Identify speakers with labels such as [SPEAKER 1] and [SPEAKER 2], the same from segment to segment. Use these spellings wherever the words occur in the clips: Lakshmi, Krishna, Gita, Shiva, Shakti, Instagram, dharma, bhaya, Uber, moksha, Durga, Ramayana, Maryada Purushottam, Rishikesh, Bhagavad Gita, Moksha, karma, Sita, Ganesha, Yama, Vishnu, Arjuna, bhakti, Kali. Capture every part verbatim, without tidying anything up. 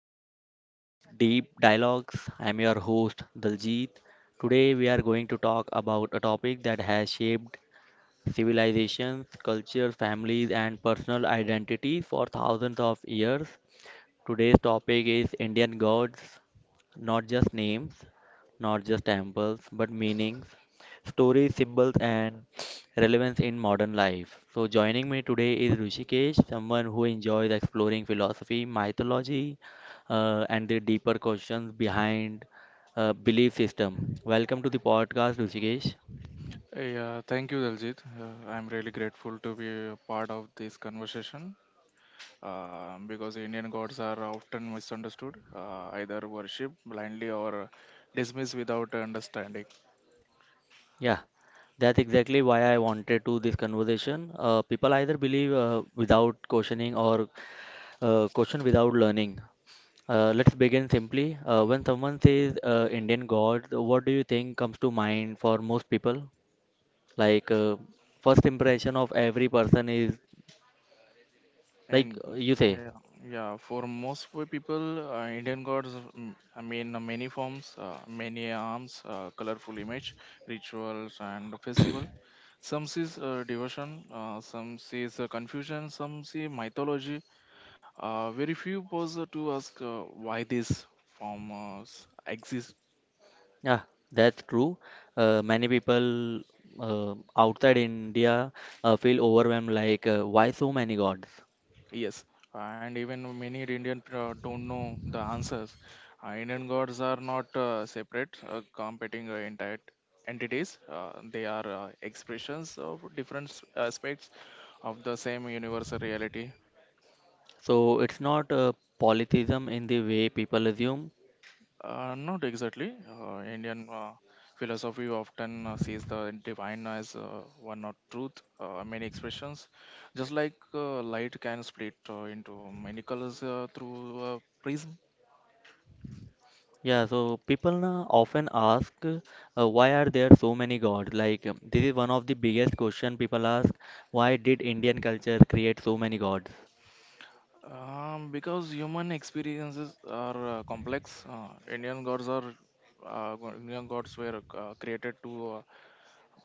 [SPEAKER 1] another episode of Deep Dialogues. I'm your host, Daljit. Today, we are going to talk about a topic that has shaped civilizations, cultures, families, and personal identity for thousands of years Today's topic is Indian gods, not just names, not just temples, but meanings, stories, symbols, and relevance in modern life. So, joining me today is Rushikesh, someone who enjoys exploring philosophy, mythology, uh, and the deeper questions behind uh, belief system. Welcome to the podcast, Rushikesh.
[SPEAKER 2] Hey, uh, thank you, Daljit. Uh, I'm really grateful to be a part of this conversation uh, because Indian gods are often misunderstood, uh, either worshipped blindly or dismissed without understanding.
[SPEAKER 1] Yeah. That's exactly why I wanted to this conversation. Uh, people either believe uh, without questioning or Uh, question without learning. Uh, let's begin simply. Uh, when someone says uh, Indian God, what do you think comes to mind for most people? Like, uh, first impression of every person is like
[SPEAKER 2] And
[SPEAKER 1] uh, you say,
[SPEAKER 2] yeah, yeah for most of the people, uh, Indian gods mm, I mean uh, many forms, uh, many arms, uh, colorful image, rituals, and festival. Some sees uh, devotion, uh, some sees uh, confusion, some see mythology. Uh, very few was uh, to ask uh, why these forms exist.
[SPEAKER 1] yeah, that's true. Uh, many people uh, outside India uh, feel overwhelmed, like, uh, why so many gods?
[SPEAKER 2] Yes, and even many Indian uh, don't know the answers. Uh, Indian gods are not uh, separate, uh, competing uh, entire entities. Uh, they are uh, expressions of different s- aspects of the same universal reality.
[SPEAKER 1] So it's not uh, polytheism in the way people assume.
[SPEAKER 2] Uh, not exactly. Uh, Indian uh, philosophy often uh, sees the divine as uh, one or truth, uh, many expressions. Just like uh, light can split uh, into many colors uh, through a prism.
[SPEAKER 1] Yeah, so people now often ask, uh, why are there so many gods? Like, um, this is one of the biggest question people ask, why did Indian culture create so many gods?
[SPEAKER 2] Um, because human experiences are uh, complex, uh, Indian gods are uh, go- Indian gods were uh, created to uh,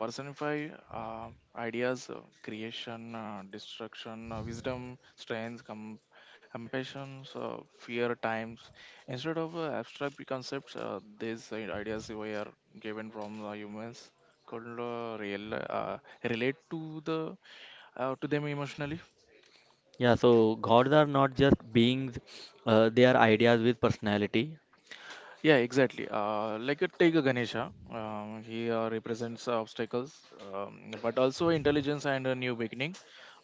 [SPEAKER 2] personify uh, ideas, uh, creation, uh, destruction, uh, wisdom, strength, com- compassion, uh, fear, times. Instead of uh, abstract concepts, uh, these uh, ideas were given from the humans could uh, real, uh, relate to the uh, to them emotionally.
[SPEAKER 1] Yeah, so gods are not just beings, uh, they are ideas with personality.
[SPEAKER 2] Yeah, exactly. Uh, like uh, take a Ganesha, um, he uh, represents uh, obstacles, um, but also intelligence and a new beginning.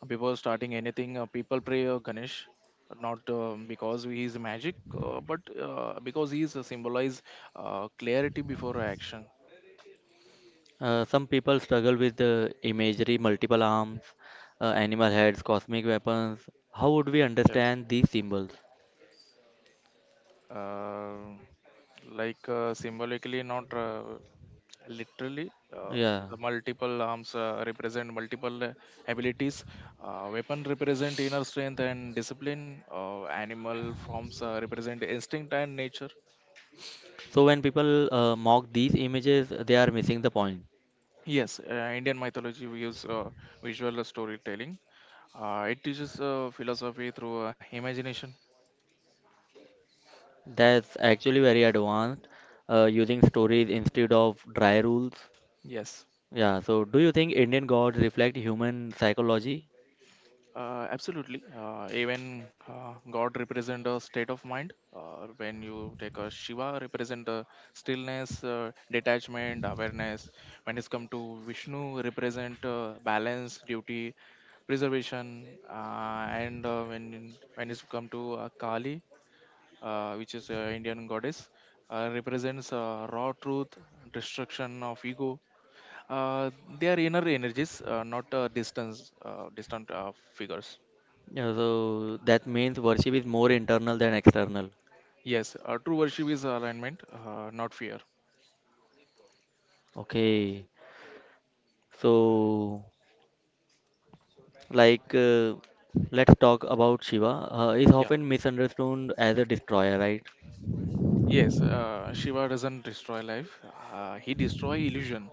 [SPEAKER 2] Uh, Before starting anything, uh, people pray uh, Ganesh, not um, because he is magic, uh, but uh, because he is uh, symbolize uh, clarity before action.
[SPEAKER 1] Uh, some people struggle with the imagery: multiple arms, uh, animal heads, cosmic weapons. How would we
[SPEAKER 2] Yes.
[SPEAKER 1] understand these symbols?
[SPEAKER 2] Uh, like uh, symbolically, not uh, literally. uh,
[SPEAKER 1] Yeah.
[SPEAKER 2] the multiple arms uh, represent multiple uh, abilities. uh, weapon represent inner strength and discipline. uh, animal forms uh, represent instinct and nature.
[SPEAKER 1] So when people uh, mock these images, they are missing the point.
[SPEAKER 2] Yes. Uh, indian mythology we use uh, visual storytelling. uh, it teaches uh, philosophy through uh, imagination.
[SPEAKER 1] That's actually very advanced, uh, using stories instead of dry rules.
[SPEAKER 2] Yes.
[SPEAKER 1] Yeah, so do you think Indian gods reflect human psychology?
[SPEAKER 2] Uh, absolutely. Uh, even uh, God represent a state of mind. Uh, when you take a Shiva, represent a stillness, uh, detachment, awareness. When it's come to Vishnu, represent uh, balance, duty, preservation. Uh, and uh, when when it's come to uh, Kali, uh, which is an Indian goddess, uh, represents uh, raw truth, destruction of ego. Uh, they are inner energies, uh, not uh, distance, uh, distant uh, figures.
[SPEAKER 1] Yeah, so that means worship is more internal than external.
[SPEAKER 2] Yes, uh, true worship is alignment, uh, not fear.
[SPEAKER 1] Okay, so like, uh, let's talk about Shiva. Uh, he's
[SPEAKER 2] Yeah.
[SPEAKER 1] often misunderstood as a destroyer, right?
[SPEAKER 2] Yes, uh, Shiva doesn't destroy life. Uh, he destroy illusion.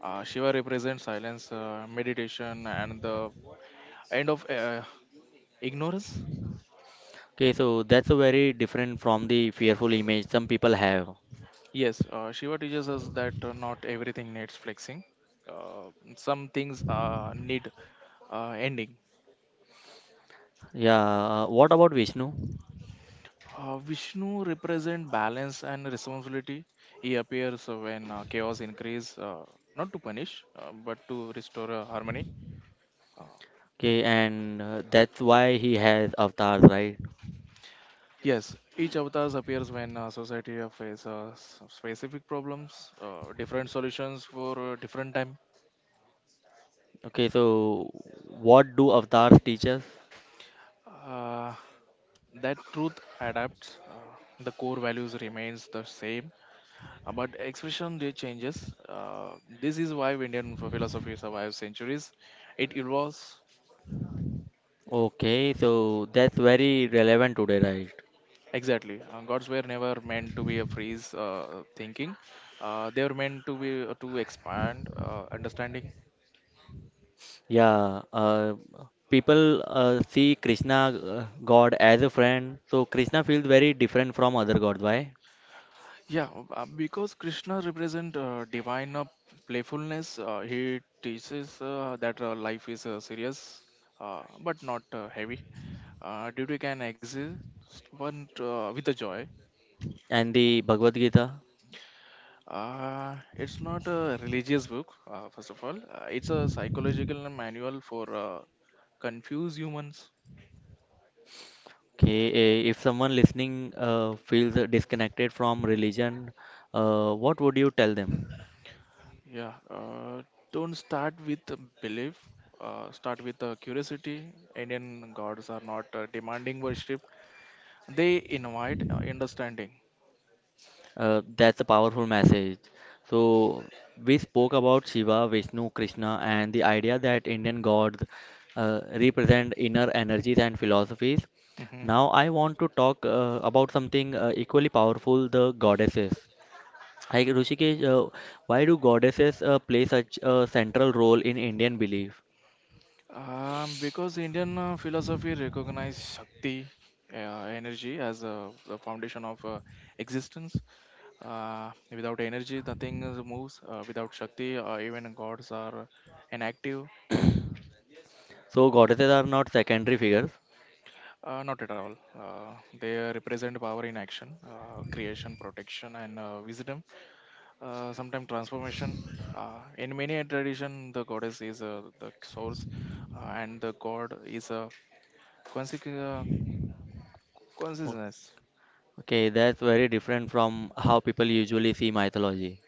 [SPEAKER 2] Uh, Shiva represents silence, uh, meditation, and the end of uh, ignorance.
[SPEAKER 1] Okay, so that's a very different from the fearful image some people have.
[SPEAKER 2] Yes, uh, Shiva teaches us that uh, not everything needs flexing. Uh, some things uh, need uh, ending.
[SPEAKER 1] Yeah, uh, what about Vishnu?
[SPEAKER 2] Uh, Vishnu represents balance and responsibility. He appears when uh, chaos increase, uh, not to punish, uh, but to restore uh, harmony. Uh,
[SPEAKER 1] Okay, and uh, that's why he has avatars, right?
[SPEAKER 2] Yes, each avatars appears when uh, society uh, face uh, s- specific problems, uh, different solutions for uh, different time.
[SPEAKER 1] Okay, so what do avatars teach us?
[SPEAKER 2] Uh, that truth adapts. Uh, the core values remains the same, uh, but expression they changes. Uh, this is why Indian ph- philosophy survives centuries. It evolves.
[SPEAKER 1] Okay, so that's very relevant today, right?
[SPEAKER 2] Exactly. Uh, gods were never meant to be a freeze uh, thinking. Uh, they were meant to be uh, to expand uh, understanding.
[SPEAKER 1] Yeah, uh, people uh, see Krishna uh, God as a friend, so Krishna feels very different from other gods. Why?
[SPEAKER 2] Yeah, um, uh, because Krishna represent uh, divine uh, playfulness, uh, he teaches uh, that uh, life is uh, serious uh, but not uh, heavy. Uh, duty can exist but uh, with a joy.
[SPEAKER 1] And the Bhagavad Gita.
[SPEAKER 2] Uh, it's not a religious book, uh, first of all. Uh, it's a psychological manual for uh, confused humans.
[SPEAKER 1] Okay, eh, if someone listening uh, feels disconnected from religion, uh, what would you tell them?
[SPEAKER 2] Yeah, uh, don't start with a belief. Uh, start with uh, curiosity. Indian gods are not uh, demanding worship. They invite uh, understanding.
[SPEAKER 1] Uh, that's a powerful message. So, we spoke about Shiva, Vishnu, Krishna, and the idea that Indian gods uh, represent inner energies and philosophies.
[SPEAKER 2] Mhm.
[SPEAKER 1] Now, I want to talk uh, about something uh, equally powerful, the goddesses. Like, Rishikesh, uh, why do goddesses uh, play such a central role in Indian belief?
[SPEAKER 2] Um, because Indian uh, philosophy recognizes Shakti, uh, energy, as uh, the foundation of uh, existence. Uh, without energy, nothing is- moves. Uh, without Shakti, uh, even gods are inactive.
[SPEAKER 1] So, goddesses are not secondary figures.
[SPEAKER 2] Uh, not at all. Uh, they represent power in action, uh, creation, protection, and uh, wisdom. Uh, sometimes transformation. Uh, in many a tradition, the goddess is uh, the source, uh, and the god is a Consequ- uh,
[SPEAKER 1] O-
[SPEAKER 2] consciousness.
[SPEAKER 1] Okay, that's very different from how people usually see mythology.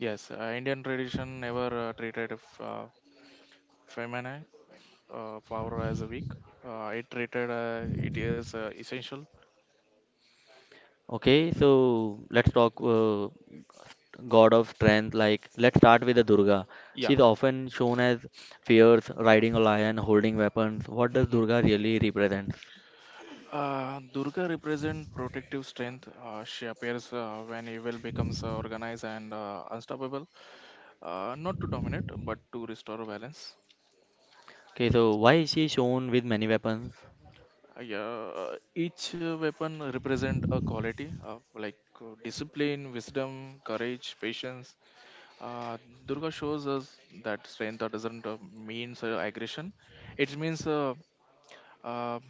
[SPEAKER 2] Yes, uh, Indian tradition never uh, treated f- uh, feminine uh, power as a weak. Uh, it treated uh, it is uh, essential.
[SPEAKER 1] Okay, so let's talk. Uh, god of strength. Like, let's start with the Durga.
[SPEAKER 2] Yeah.
[SPEAKER 1] She's often shown as fierce, riding a lion, holding weapons. What does
[SPEAKER 2] Mhm.
[SPEAKER 1] Durga really represent?
[SPEAKER 2] Uh, Durga represents protective strength. Uh, she appears uh, when evil becomes uh, organized and uh, unstoppable, uh, not to dominate but to restore balance.
[SPEAKER 1] Okay, so why is she shown with many weapons?
[SPEAKER 2] Uh, yeah, uh, each uh, weapon represent a quality uh, like uh, discipline, wisdom, courage, patience. Uh, Durga shows us that strength uh, doesn't uh, mean uh, aggression. It means uh, uh,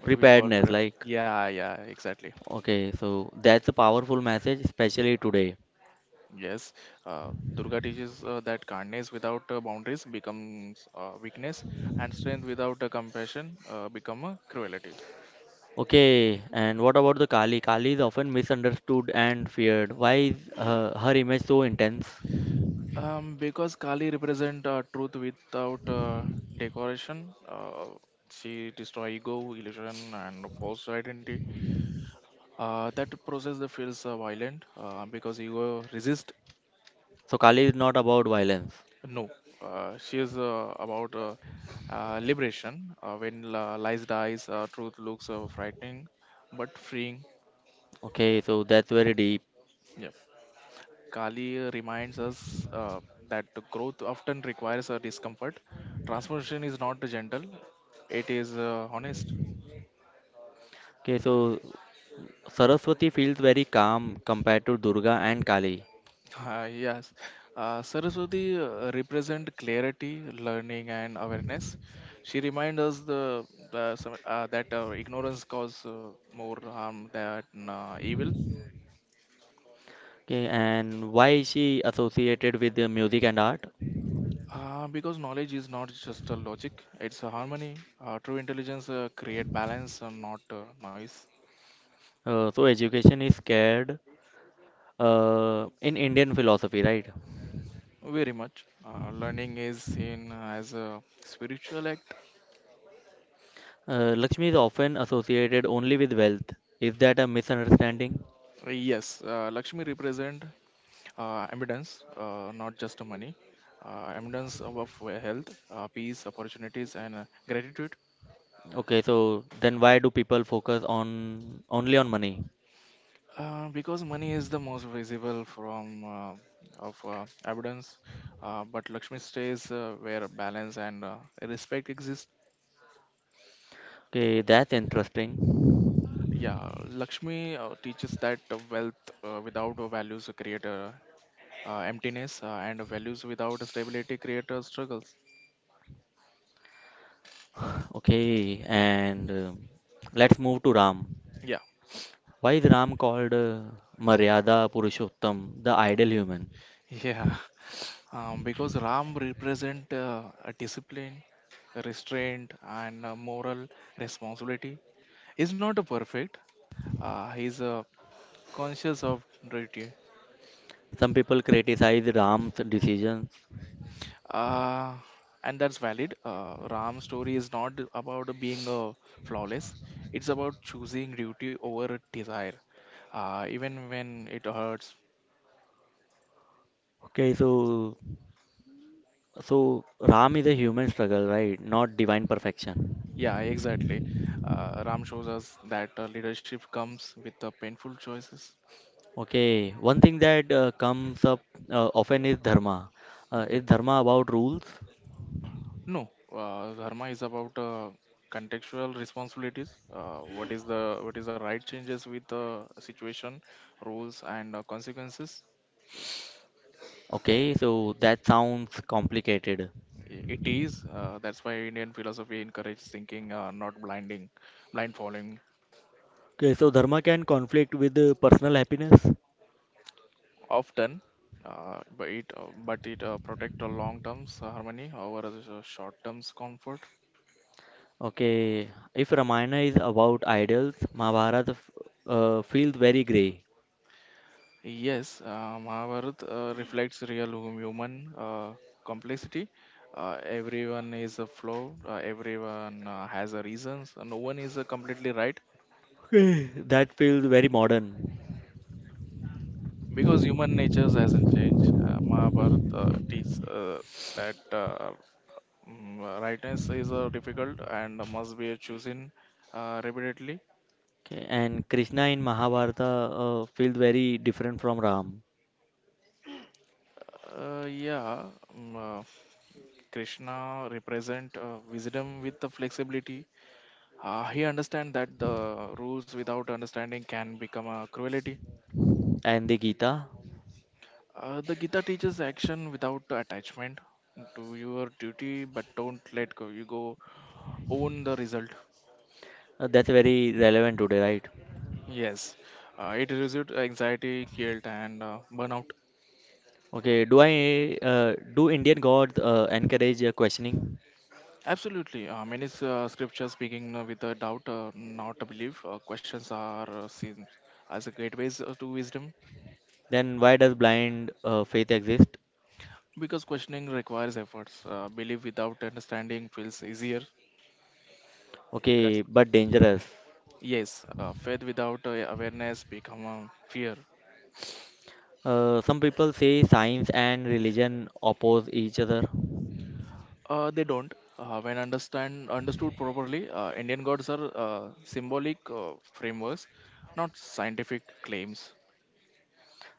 [SPEAKER 2] what do we call
[SPEAKER 1] Preparedness,
[SPEAKER 2] it?
[SPEAKER 1] like,
[SPEAKER 2] Yeah, yeah, exactly.
[SPEAKER 1] okay, so that's a powerful message, especially today.
[SPEAKER 2] Yes, uh, Durga teaches uh, that kindness without uh, boundaries becomes uh, weakness, and strength without uh, compassion uh, become uh, cruelty.
[SPEAKER 1] Okay, and what about the Kali? Kali is often misunderstood and feared. Why is uh, her image so intense?
[SPEAKER 2] Um, because Kali represent uh, truth without uh, decoration, uh, she destroy ego, illusion, and false identity. Uh, that process that feels uh, violent uh, because you uh, resist.
[SPEAKER 1] So, Kali is not about violence.
[SPEAKER 2] No. Uh, she is uh, about uh, uh, liberation. Uh, when uh, lies dies, uh, truth looks uh, frightening but freeing.
[SPEAKER 1] Okay, so that's very deep.
[SPEAKER 2] Yeah. Kali uh, reminds us uh, that the growth often requires a discomfort. Transformation is not gentle; it is uh, honest.
[SPEAKER 1] Okay, so Saraswati feels very calm compared to Durga and Kali.
[SPEAKER 2] Uh, yes, uh, Saraswati uh, represent clarity, learning, and awareness. She reminds us the, the some- uh, that uh, ignorance causes uh, more harm than uh, evil,
[SPEAKER 1] Okay, and why is she associated with the music and art?
[SPEAKER 2] uh, because knowledge is not just a logic; it's a harmony. Uh, true intelligence uh, create balance, and not uh, noise.
[SPEAKER 1] Uh, so education is scared uh, in Indian philosophy, right?
[SPEAKER 2] Very much, uh, learning is seen as a spiritual act.
[SPEAKER 1] Uh, Lakshmi is often associated only with wealth. Is that a misunderstanding?
[SPEAKER 2] Uh, yes, uh, Lakshmi represent uh, abundance, uh, not just the money, uh, abundance of of, uh, health, uh, peace, opportunities, and uh, gratitude.
[SPEAKER 1] Okay, so then why do people focus on only on money?
[SPEAKER 2] Uh, because money is the most visible from uh, of uh, abundance, uh, but Lakshmi stays uh, where balance and uh, respect exist.
[SPEAKER 1] Okay, that's interesting.
[SPEAKER 2] Yeah, Lakshmi uh, teaches that uh, wealth uh, without uh, values create uh, uh, emptiness, uh, and values without stability create uh, struggles.
[SPEAKER 1] Okay, and uh, let's move to Ram.
[SPEAKER 2] Yeah,
[SPEAKER 1] Why is Ram called uh, Maryada Purushottam, the ideal human?
[SPEAKER 2] yeah. Um, because Ram represent uh, a discipline, restraint and uh, moral responsibility. He's not a perfect. Uh, he's uh, conscious of duty,
[SPEAKER 1] Some people criticize Ram's decisions.
[SPEAKER 2] uh, and that's valid. Uh, Ram's story is not about being uh, flawless. It's about choosing duty over desire, uh, even when it hurts.
[SPEAKER 1] Okay, so so Ram is a human struggle, right? Not divine perfection.
[SPEAKER 2] Yeah, exactly. Uh, Ram shows us that uh, leadership comes with uh, painful choices.
[SPEAKER 1] Okay, one thing that uh, comes up uh, often is dharma. Uh, is dharma about rules?
[SPEAKER 2] No, uh, dharma is about uh, contextual responsibilities. Uh, what is the what is the right changes with the situation, rules and uh, consequences?
[SPEAKER 1] Okay, so that sounds complicated.
[SPEAKER 2] I- It is. Uh, that's why Indian philosophy encourages thinking, uh, not blinding, blind following.
[SPEAKER 1] Okay, so dharma can conflict with uh, personal happiness.
[SPEAKER 2] Often. Uh, but it uh, but it uh, protect the long terms harmony over the short terms comfort.
[SPEAKER 1] Okay, if Ramayana is about idols, Mahabharata f- uh, feels very grey.
[SPEAKER 2] Yes, uh, Mahabharata uh, reflects real hum- human uh, complexity. Uh, everyone is a flaw. Uh, everyone uh, has a reasons. No one is uh, completely right
[SPEAKER 1] Okay, that feels very modern.
[SPEAKER 2] because human nature hasn't changed. Uh, Mahabharata uh, teaches uh, that uh, mm, rightness is uh, difficult and must be chosen uh, repeatedly.
[SPEAKER 1] Okay, and Krishna in Mahabharata uh, feels very different from Ram
[SPEAKER 2] Uh, yeah, mm, uh, Krishna represent uh, wisdom with the flexibility. Uh, he understands that the rules without understanding can become a cruelty.
[SPEAKER 1] and the Gita.
[SPEAKER 2] Uh, the Gita teaches action without attachment to your duty, but don't let go. You go own the result.
[SPEAKER 1] Uh, that's very relevant today, right?
[SPEAKER 2] Yes, uh, it reduces anxiety, guilt, and uh, burnout.
[SPEAKER 1] Okay, do I uh, do Indian gods uh, encourage uh, questioning?
[SPEAKER 2] Absolutely. Uh, many s- uh, scriptures begin uh, with a doubt, uh, not a belief. Uh, questions are uh, seen as a gateways uh, to wisdom
[SPEAKER 1] Then why does blind uh, faith exist?
[SPEAKER 2] because questioning requires efforts. Uh, belief without understanding feels easier. Maybe that's...
[SPEAKER 1] Okay, but dangerous.
[SPEAKER 2] Yes, uh, faith without uh, awareness become um, fear.
[SPEAKER 1] Uh, some people say science and religion oppose each other.
[SPEAKER 2] Uh, they don't. Uh, when understand understood properly, uh, Indian gods are uh, symbolic uh, frameworks, not scientific claims.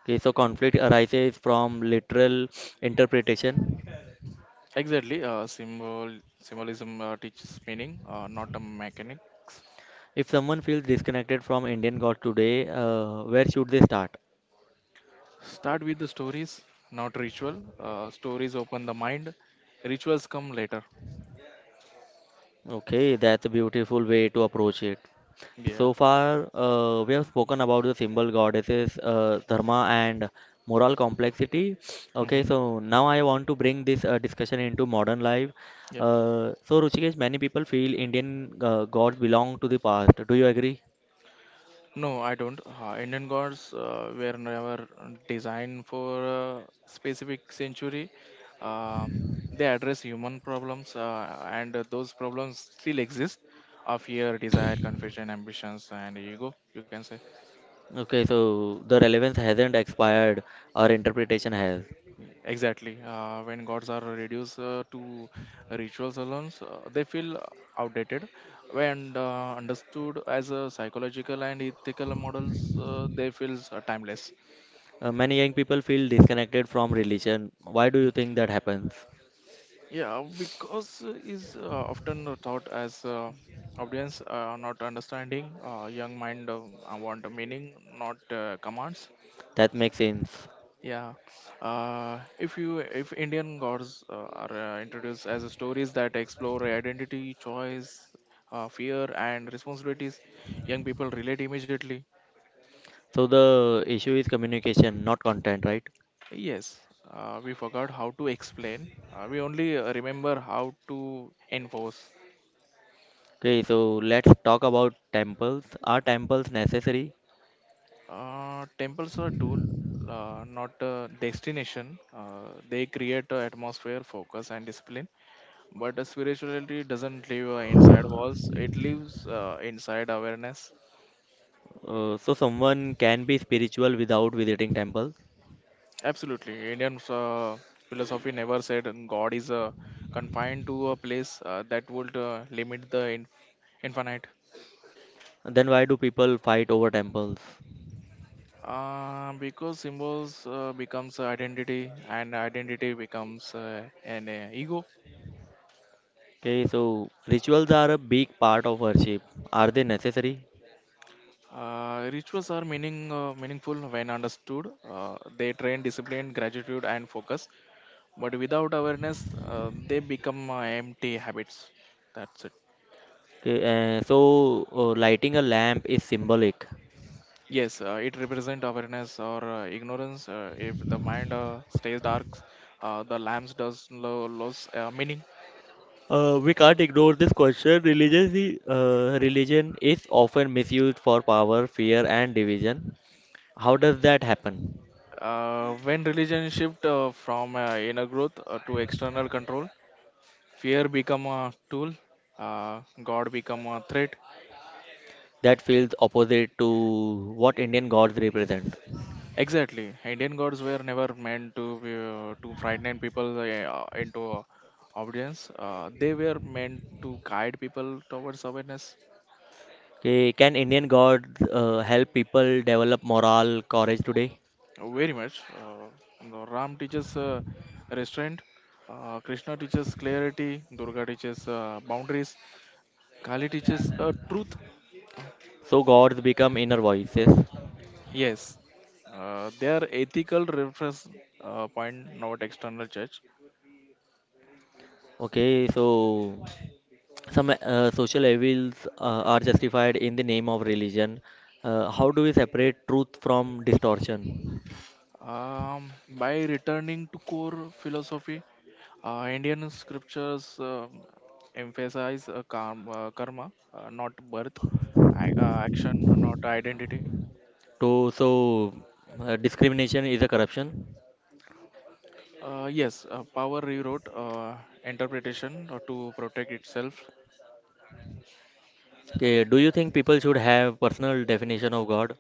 [SPEAKER 1] Okay, so conflict arises from literal interpretation.
[SPEAKER 2] Exactly, uh, symbol symbolism uh, teaches meaning, uh, not a mechanics.
[SPEAKER 1] If someone feels disconnected from Indian God today, uh, where should they start?
[SPEAKER 2] Start with the stories, not ritual. Uh, stories open the mind. Rituals come later.
[SPEAKER 1] Okay, that's a beautiful way to approach it.
[SPEAKER 2] Yeah.
[SPEAKER 1] So far, uh, we have spoken about the symbol goddesses, uh, dharma, and moral complexity. Okay,
[SPEAKER 2] Hmm.
[SPEAKER 1] so now I want to bring this uh, discussion into modern life.
[SPEAKER 2] Yeah.
[SPEAKER 1] Uh, so, Ruchikesh, many people feel Indian uh, gods belong to the past. Do you agree?
[SPEAKER 2] No, I don't. Uh, Indian gods uh, were never designed for a specific century. Uh, they address human problems, uh, and those problems still exist. Uh, fear, desire, confusion, ambitions, and ego. You can say
[SPEAKER 1] Okay, so the relevance hasn't expired, our interpretation has.
[SPEAKER 2] exactly. Uh, when gods are reduced uh, to rituals alone, uh, they feel outdated. When uh, understood as a psychological and ethical models, uh, they feel uh, timeless.
[SPEAKER 1] Uh, many young people feel disconnected from religion. Why do you think that happens?
[SPEAKER 2] Yeah, because uh, is uh, often thought as uh, audience uh, not understanding, uh, young mind uh, uh, want a meaning, not uh, commands.
[SPEAKER 1] That makes sense.
[SPEAKER 2] Yeah, uh, if you if Indian gods uh, are uh, introduced as stories that explore identity, choice, uh, fear, and responsibilities, young people relate immediately.
[SPEAKER 1] So the issue is communication, not content, right?
[SPEAKER 2] Yes, uh, we forgot how to explain. Uh, we only uh, remember how to enforce.
[SPEAKER 1] Okay, so let's talk about temples. Are temples necessary?
[SPEAKER 2] Uh, temples are a tool, uh, not a destination. Uh, they create a atmosphere, focus, and discipline. But uh, spirituality doesn't live uh, inside walls; it lives uh, inside awareness.
[SPEAKER 1] Uh, so someone can be spiritual without visiting temples.
[SPEAKER 2] Absolutely, Indian uh, philosophy never said God is uh, confined to a place uh, that would uh, limit the in- infinite.
[SPEAKER 1] Then why do people fight over temples?
[SPEAKER 2] Uh, because symbols uh, becomes identity, and identity becomes uh, an uh, ego.
[SPEAKER 1] Okay, so rituals are a big part of worship. Are they necessary?
[SPEAKER 2] Uh, rituals are meaning uh, meaningful when understood. Uh, they train discipline, gratitude, and focus. But without awareness, uh, they become uh, empty habits. That's it.
[SPEAKER 1] Okay, uh, so uh, lighting a lamp is symbolic.
[SPEAKER 2] Yes, uh, it represents awareness or uh, ignorance. Uh, if the mind uh, stays dark, uh, the lamps does lo- lose uh, meaning.
[SPEAKER 1] Uh, we can't ignore this question. Religion, is- uh, religion is often misused for power, fear, and division. How does that happen?
[SPEAKER 2] Uh, when religion shift uh, from uh, inner growth uh, to external control, fear become a tool. Uh, God become a threat.
[SPEAKER 1] That feels opposite to what Indian gods represent.
[SPEAKER 2] Exactly, Indian gods were never meant to be, uh, to frighten people uh, into obedience. Uh, they were meant to guide people towards awareness.
[SPEAKER 1] Okay, can Indian gods uh, help people develop moral courage today?
[SPEAKER 2] uh, Very much. Uh, you know, Ram teaches uh, restraint. Uh, Krishna teaches clarity. Durga teaches uh, boundaries. Kali teaches uh, truth.
[SPEAKER 1] So gods become inner voices.
[SPEAKER 2] Yes, uh, they are ethical reference uh, point, not external judge.
[SPEAKER 1] Okay, so some uh, social evils uh, are justified in the name of religion. Uh, how do we separate truth from distortion?
[SPEAKER 2] Um, by returning to core philosophy, uh, Indian scriptures um, emphasize uh, karma, uh, karma uh, not birth, ac- uh, action, uh, not identity.
[SPEAKER 1] To so uh, discrimination is a corruption.
[SPEAKER 2] Uh, yes, uh, power rewrote uh, interpretation uh, to protect itself.
[SPEAKER 1] Okay, do you think people should have personal definition of God?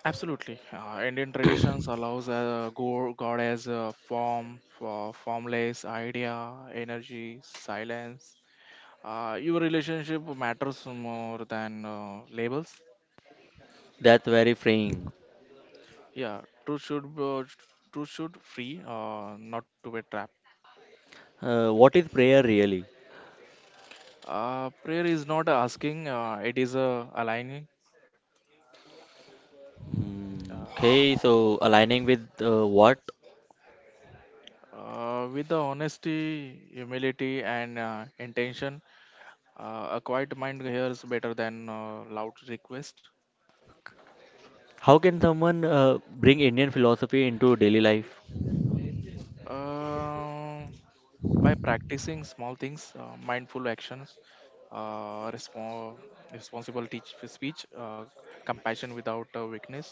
[SPEAKER 2] Absolutely, uh, Indian traditions allows uh, go- God as a form, for formless idea, energy, silence. Uh, your relationship matters more than uh, labels.
[SPEAKER 1] That's very freeing.
[SPEAKER 2] Yeah, truth should uh, truth should free, uh, not to a trap.
[SPEAKER 1] Uh, what is prayer really?
[SPEAKER 2] Uh, prayer is not asking; uh, it is uh, aligning
[SPEAKER 1] Mm,
[SPEAKER 2] uh,
[SPEAKER 1] okay, so aligning with uh, what?
[SPEAKER 2] uh, with the honesty, humility, and uh, intention. Uh, a quiet mind hears better than uh, loud request.
[SPEAKER 1] How can someone uh, bring Indian philosophy into daily life?
[SPEAKER 2] Uh, by practicing small things, uh, mindful actions, uh, respo- responsible teach speech, uh, compassion without uh, weakness,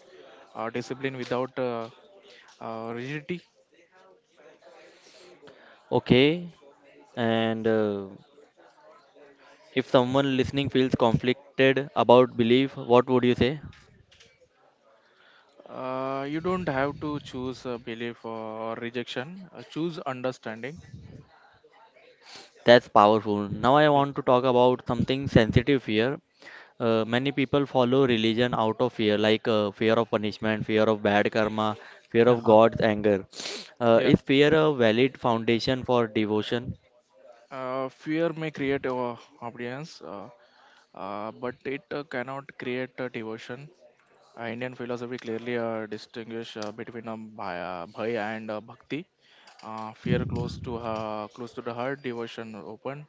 [SPEAKER 2] uh, discipline without uh, uh, rigidity.
[SPEAKER 1] Okay, and uh, if someone listening feels conflicted about belief, what would you say?
[SPEAKER 2] Uh, you don't have to choose uh, belief or rejection, uh, choose understanding.
[SPEAKER 1] That's powerful. Now I
[SPEAKER 2] Yeah.
[SPEAKER 1] want to talk about something sensitive here. Uh, many people follow religion out of fear, like uh, fear of punishment, fear of bad karma, fear of
[SPEAKER 2] Uh-huh.
[SPEAKER 1] God's anger. Uh,
[SPEAKER 2] Yeah.
[SPEAKER 1] is fear a valid foundation for devotion?
[SPEAKER 2] Uh, fear may create uh, obedience, uh, uh, but it uh, cannot create uh, devotion. Uh, indian philosophy clearly uh, distinguish uh, between um, bhaya, bhaya and uh, bhakti. Uh, fear close to uh, close to the heart, devotion open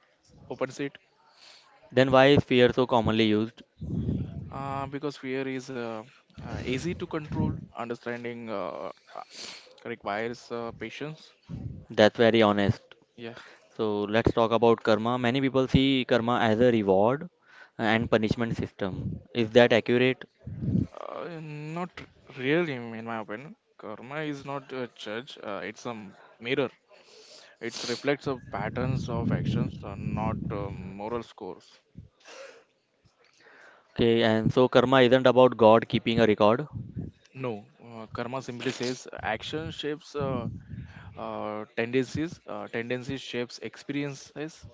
[SPEAKER 2] opens it.
[SPEAKER 1] Then why is fear so commonly used?
[SPEAKER 2] Uh, because fear is uh, uh, easy to control, understanding uh, requires uh, patience.
[SPEAKER 1] That's very honest.
[SPEAKER 2] Yeah,
[SPEAKER 1] So let's talk about karma. Many people see karma as a reward and punishment system. Is that accurate?
[SPEAKER 2] uh, not really, in my opinion. Karma is not a judge, uh, it's a mirror. It reflects the patterns of actions, uh, not uh, moral scores.
[SPEAKER 1] Okay, and so karma isn't about God keeping a record.
[SPEAKER 2] No, uh, karma simply says action shapes uh, uh, tendencies, uh, tendencies shapes experiences.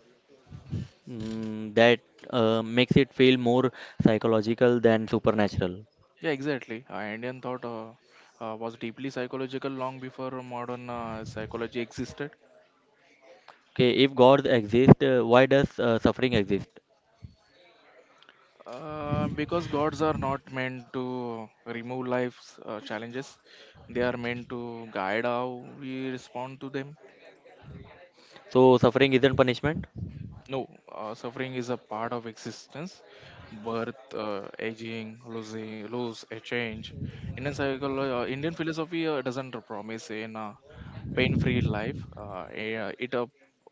[SPEAKER 1] Mm, that uh, makes it feel more psychological than supernatural.
[SPEAKER 2] Yeah, exactly. Uh, Indian thought uh, uh, was deeply psychological long before modern uh, psychology existed.
[SPEAKER 1] Okay, if God exists, uh, why does uh, suffering exist?
[SPEAKER 2] Uh, because gods are not meant to remove life's uh, challenges, they are meant to guide how we respond to them.
[SPEAKER 1] So suffering isn't punishment.
[SPEAKER 2] No, uh, suffering is a part of existence. Birth, uh, aging, losing, lose, a change. Indian cycle, uh, Indian philosophy uh, doesn't promise an uh, pain-free life. Uh, eh, uh, it uh,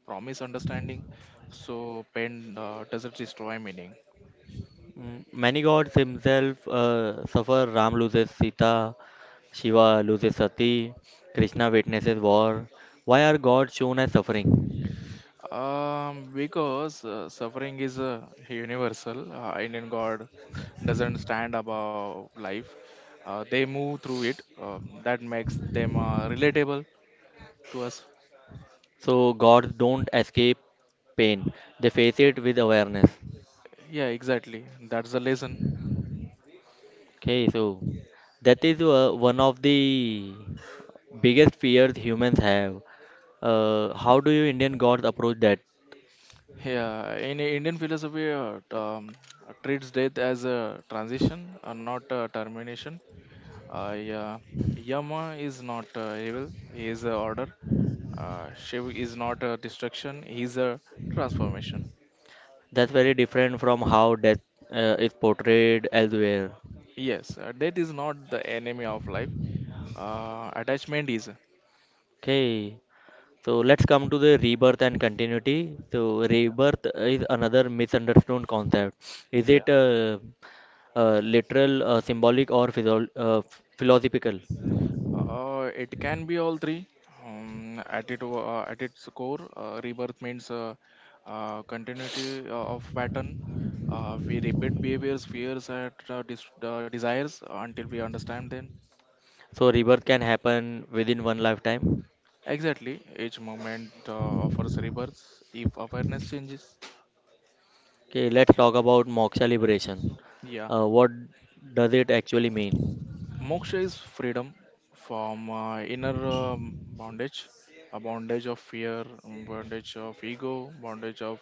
[SPEAKER 2] promise understanding. So pain uh, doesn't destroy meaning.
[SPEAKER 1] Mm, many gods himself uh, suffer. Ram loses Sita. Shiva loses Sati, Krishna witnesses war. Why are gods shown as suffering?
[SPEAKER 2] Um, because uh, suffering is uh, universal. Uh, Indian God doesn't stand above life. Uh, they move through it. Um, that makes them uh, relatable to us.
[SPEAKER 1] So gods don't escape pain; they face it with awareness.
[SPEAKER 2] Yeah, exactly. That's the lesson.
[SPEAKER 1] Okay, so that is uh, one of the biggest fears humans have. Uh, how do you Indian gods approach that?
[SPEAKER 2] Yeah, in Indian philosophy, uh, t- um, treats death as a transition, uh, not a termination. Uh, yeah, Yama is not uh, evil; he is a order. Uh, Shiv is not a destruction; he is a transformation.
[SPEAKER 1] That's very different from how death uh, is portrayed elsewhere.
[SPEAKER 2] Yes, uh, death is not the enemy of life. Uh, attachment is.
[SPEAKER 1] Okay, so let's come to the rebirth and continuity. So
[SPEAKER 2] Yeah.
[SPEAKER 1] rebirth is another misunderstood concept. Is
[SPEAKER 2] Yeah.
[SPEAKER 1] it uh, uh, literal, uh, symbolic, or physio- uh, philosophical?
[SPEAKER 2] Uh, it can be all three. Um, at it, uh, at its core, uh, rebirth means uh, uh, continuity uh, of pattern. Uh, we repeat behaviors, fears, and uh, dis- uh, desires until we understand them.
[SPEAKER 1] So rebirth can happen within one lifetime.
[SPEAKER 2] Exactly, each moment uh, offers rebirth if awareness changes.
[SPEAKER 1] Okay, let's talk about moksha liberation.
[SPEAKER 2] Yeah.
[SPEAKER 1] Uh, what does it actually mean?
[SPEAKER 2] Moksha is freedom from uh, inner um, bondage, a bondage of fear, um, bondage of ego, bondage of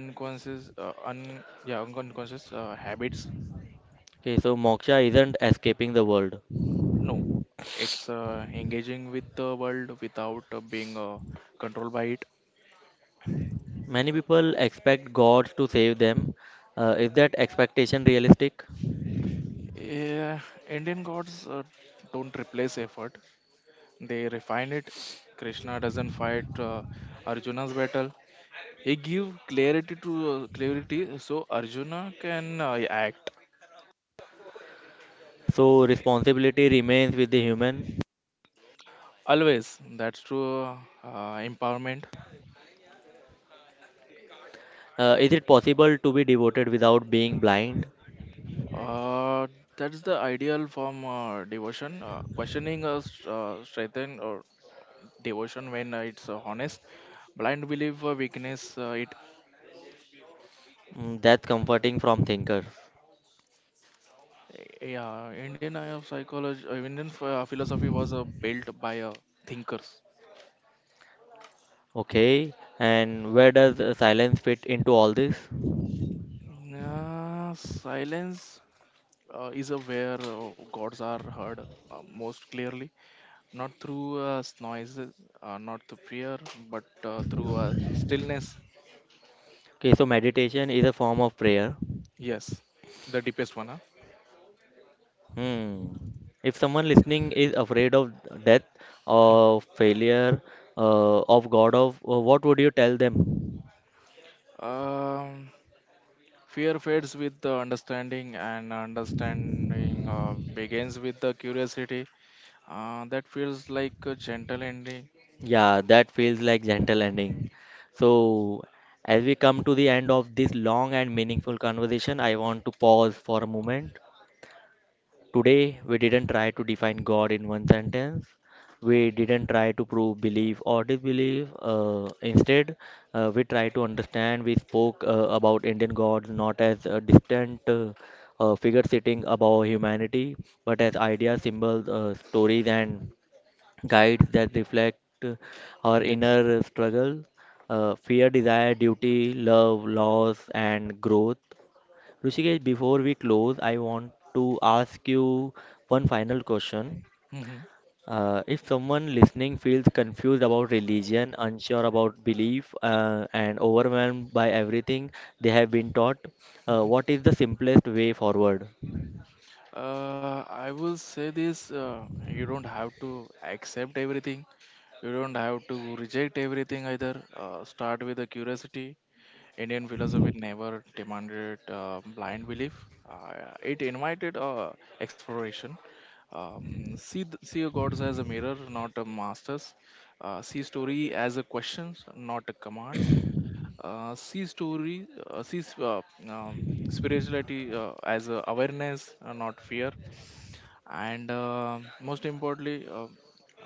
[SPEAKER 2] unconscious, uh, un yeah unconscious uh, habits.
[SPEAKER 1] Okay, so moksha isn't escaping the world.
[SPEAKER 2] No, it's uh, engaging with the world without uh, being uh, controlled by it.
[SPEAKER 1] Many people expect God to save them. Uh, is that expectation realistic?
[SPEAKER 2] Yeah, Indian gods uh, don't replace effort; they refine it. Krishna doesn't fight uh, Arjuna's battle; he give clarity to uh, clarity so Arjuna can uh, act.
[SPEAKER 1] So responsibility remains with the human.
[SPEAKER 2] Always. That's true uh, empowerment.
[SPEAKER 1] Uh, is it possible to be devoted without being blind?
[SPEAKER 2] Uh, that's the ideal form uh, devotion. Uh, questioning uh, s- uh, strengthen or devotion when uh, it's uh, honest. Blind belief uh, weakness. Uh, it
[SPEAKER 1] Mm, that's comforting from thinker.
[SPEAKER 2] eh, yeah. Indian eye of psychology. Uh, Indian ph- uh, philosophy was uh, built by uh, thinkers.
[SPEAKER 1] Okay, and where does uh, silence fit into all this?
[SPEAKER 2] Yeah, silence uh, is a where uh, gods are heard uh, most clearly, not through uh, noises, uh, not through fear, but uh, through uh, stillness.
[SPEAKER 1] Okay, so meditation is a form of prayer.
[SPEAKER 2] Yes, the deepest one.
[SPEAKER 1] Hmm. If someone listening is afraid of death,
[SPEAKER 2] Huh?
[SPEAKER 1] of failure, uh, of God, of uh, what would you tell them?
[SPEAKER 2] Um, Fear fades with the understanding, and understanding uh, begins with the curiosity. Uh, that feels like a gentle ending.
[SPEAKER 1] Yeah, that feels like gentle ending. So, as we come to the end of this long and meaningful conversation, I want to pause for a moment Today, we didn't try to define God in one sentence. We didn't try to prove belief or disbelief. Uh, instead, uh, we try to understand. We spoke uh, about Indian gods not as a distant uh, uh, figure sitting above humanity, but as ideas, symbols, uh, stories, and guides that reflect uh, our
[SPEAKER 2] Yes.
[SPEAKER 1] inner struggle, uh, fear, desire, duty, love, loss, and growth. Rishikesh, before we close, I want to ask you one final question.
[SPEAKER 2] Mhm.
[SPEAKER 1] Uh, if someone listening feels confused about religion, unsure about belief, uh, and overwhelmed by everything they have been taught, uh, what is the simplest way forward?
[SPEAKER 2] Uh, I will say this, uh, you don't have to accept everything, you don't have to reject everything either. Uh, start with the curiosity. Indian philosophy never demanded uh, blind belief. Uh, it invited uh, exploration. Um, see, th- see your gods as a mirror, not a masters. Uh, see story as a questions, not a commands. Uh, see story, uh, see uh, um, Spirituality uh, as a awareness, uh, not fear. And uh, most importantly, uh,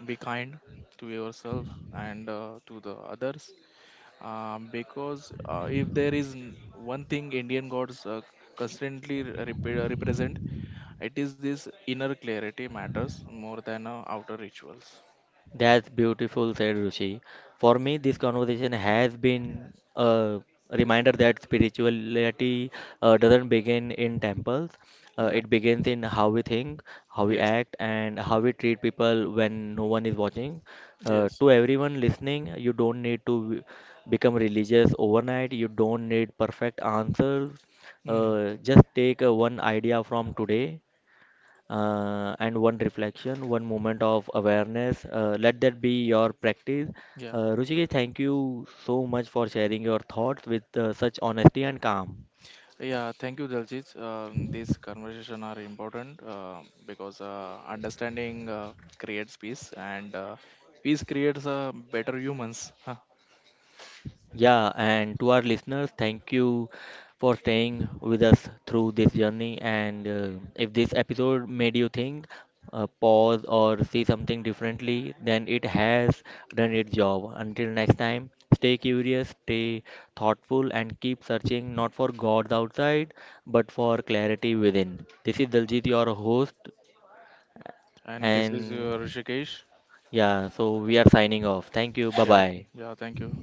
[SPEAKER 2] be kind to yourself and uh, to the others, um, because uh, if there is n- one thing Indian gods uh, constantly rep- represent, it is this: inner clarity matters more than uh, outer rituals.
[SPEAKER 1] That's beautiful, said Ruchi. For me, this conversation has been a reminder that spirituality uh, doesn't begin in temples. Uh,
[SPEAKER 2] Yeah.
[SPEAKER 1] it begins in how we think, how we
[SPEAKER 2] Yes.
[SPEAKER 1] act, and how we treat people when no one is watching. Uh,
[SPEAKER 2] Yes.
[SPEAKER 1] to everyone listening, you don't need to become religious overnight. You don't need perfect answers.
[SPEAKER 2] Mm.
[SPEAKER 1] Uh, just take uh, one idea from today uh, and one reflection, one moment of awareness. Uh, let that be your practice.
[SPEAKER 2] Yeah.
[SPEAKER 1] Uh, Ruchika, thank you so much for sharing your thoughts with uh, such honesty and calm.
[SPEAKER 2] Yeah. Thank you, Daljit. Um, these conversation are important uh, because uh, understanding uh, creates peace, and uh, peace creates uh, better humans. Huh.
[SPEAKER 1] Yeah, and to our listeners, thank you for staying with us through this journey. And uh, if this episode made you think, uh, pause, or see something differently, then it has done its job. Until next time, stay curious, stay thoughtful, and keep searching not for gods outside, but for clarity within. This is Daljit, your host,
[SPEAKER 2] And this is
[SPEAKER 1] and
[SPEAKER 2] uh, Rishikesh.
[SPEAKER 1] yeah, so we are signing off. Thank you, bye
[SPEAKER 2] Yeah.
[SPEAKER 1] bye.
[SPEAKER 2] Yeah. Thank you.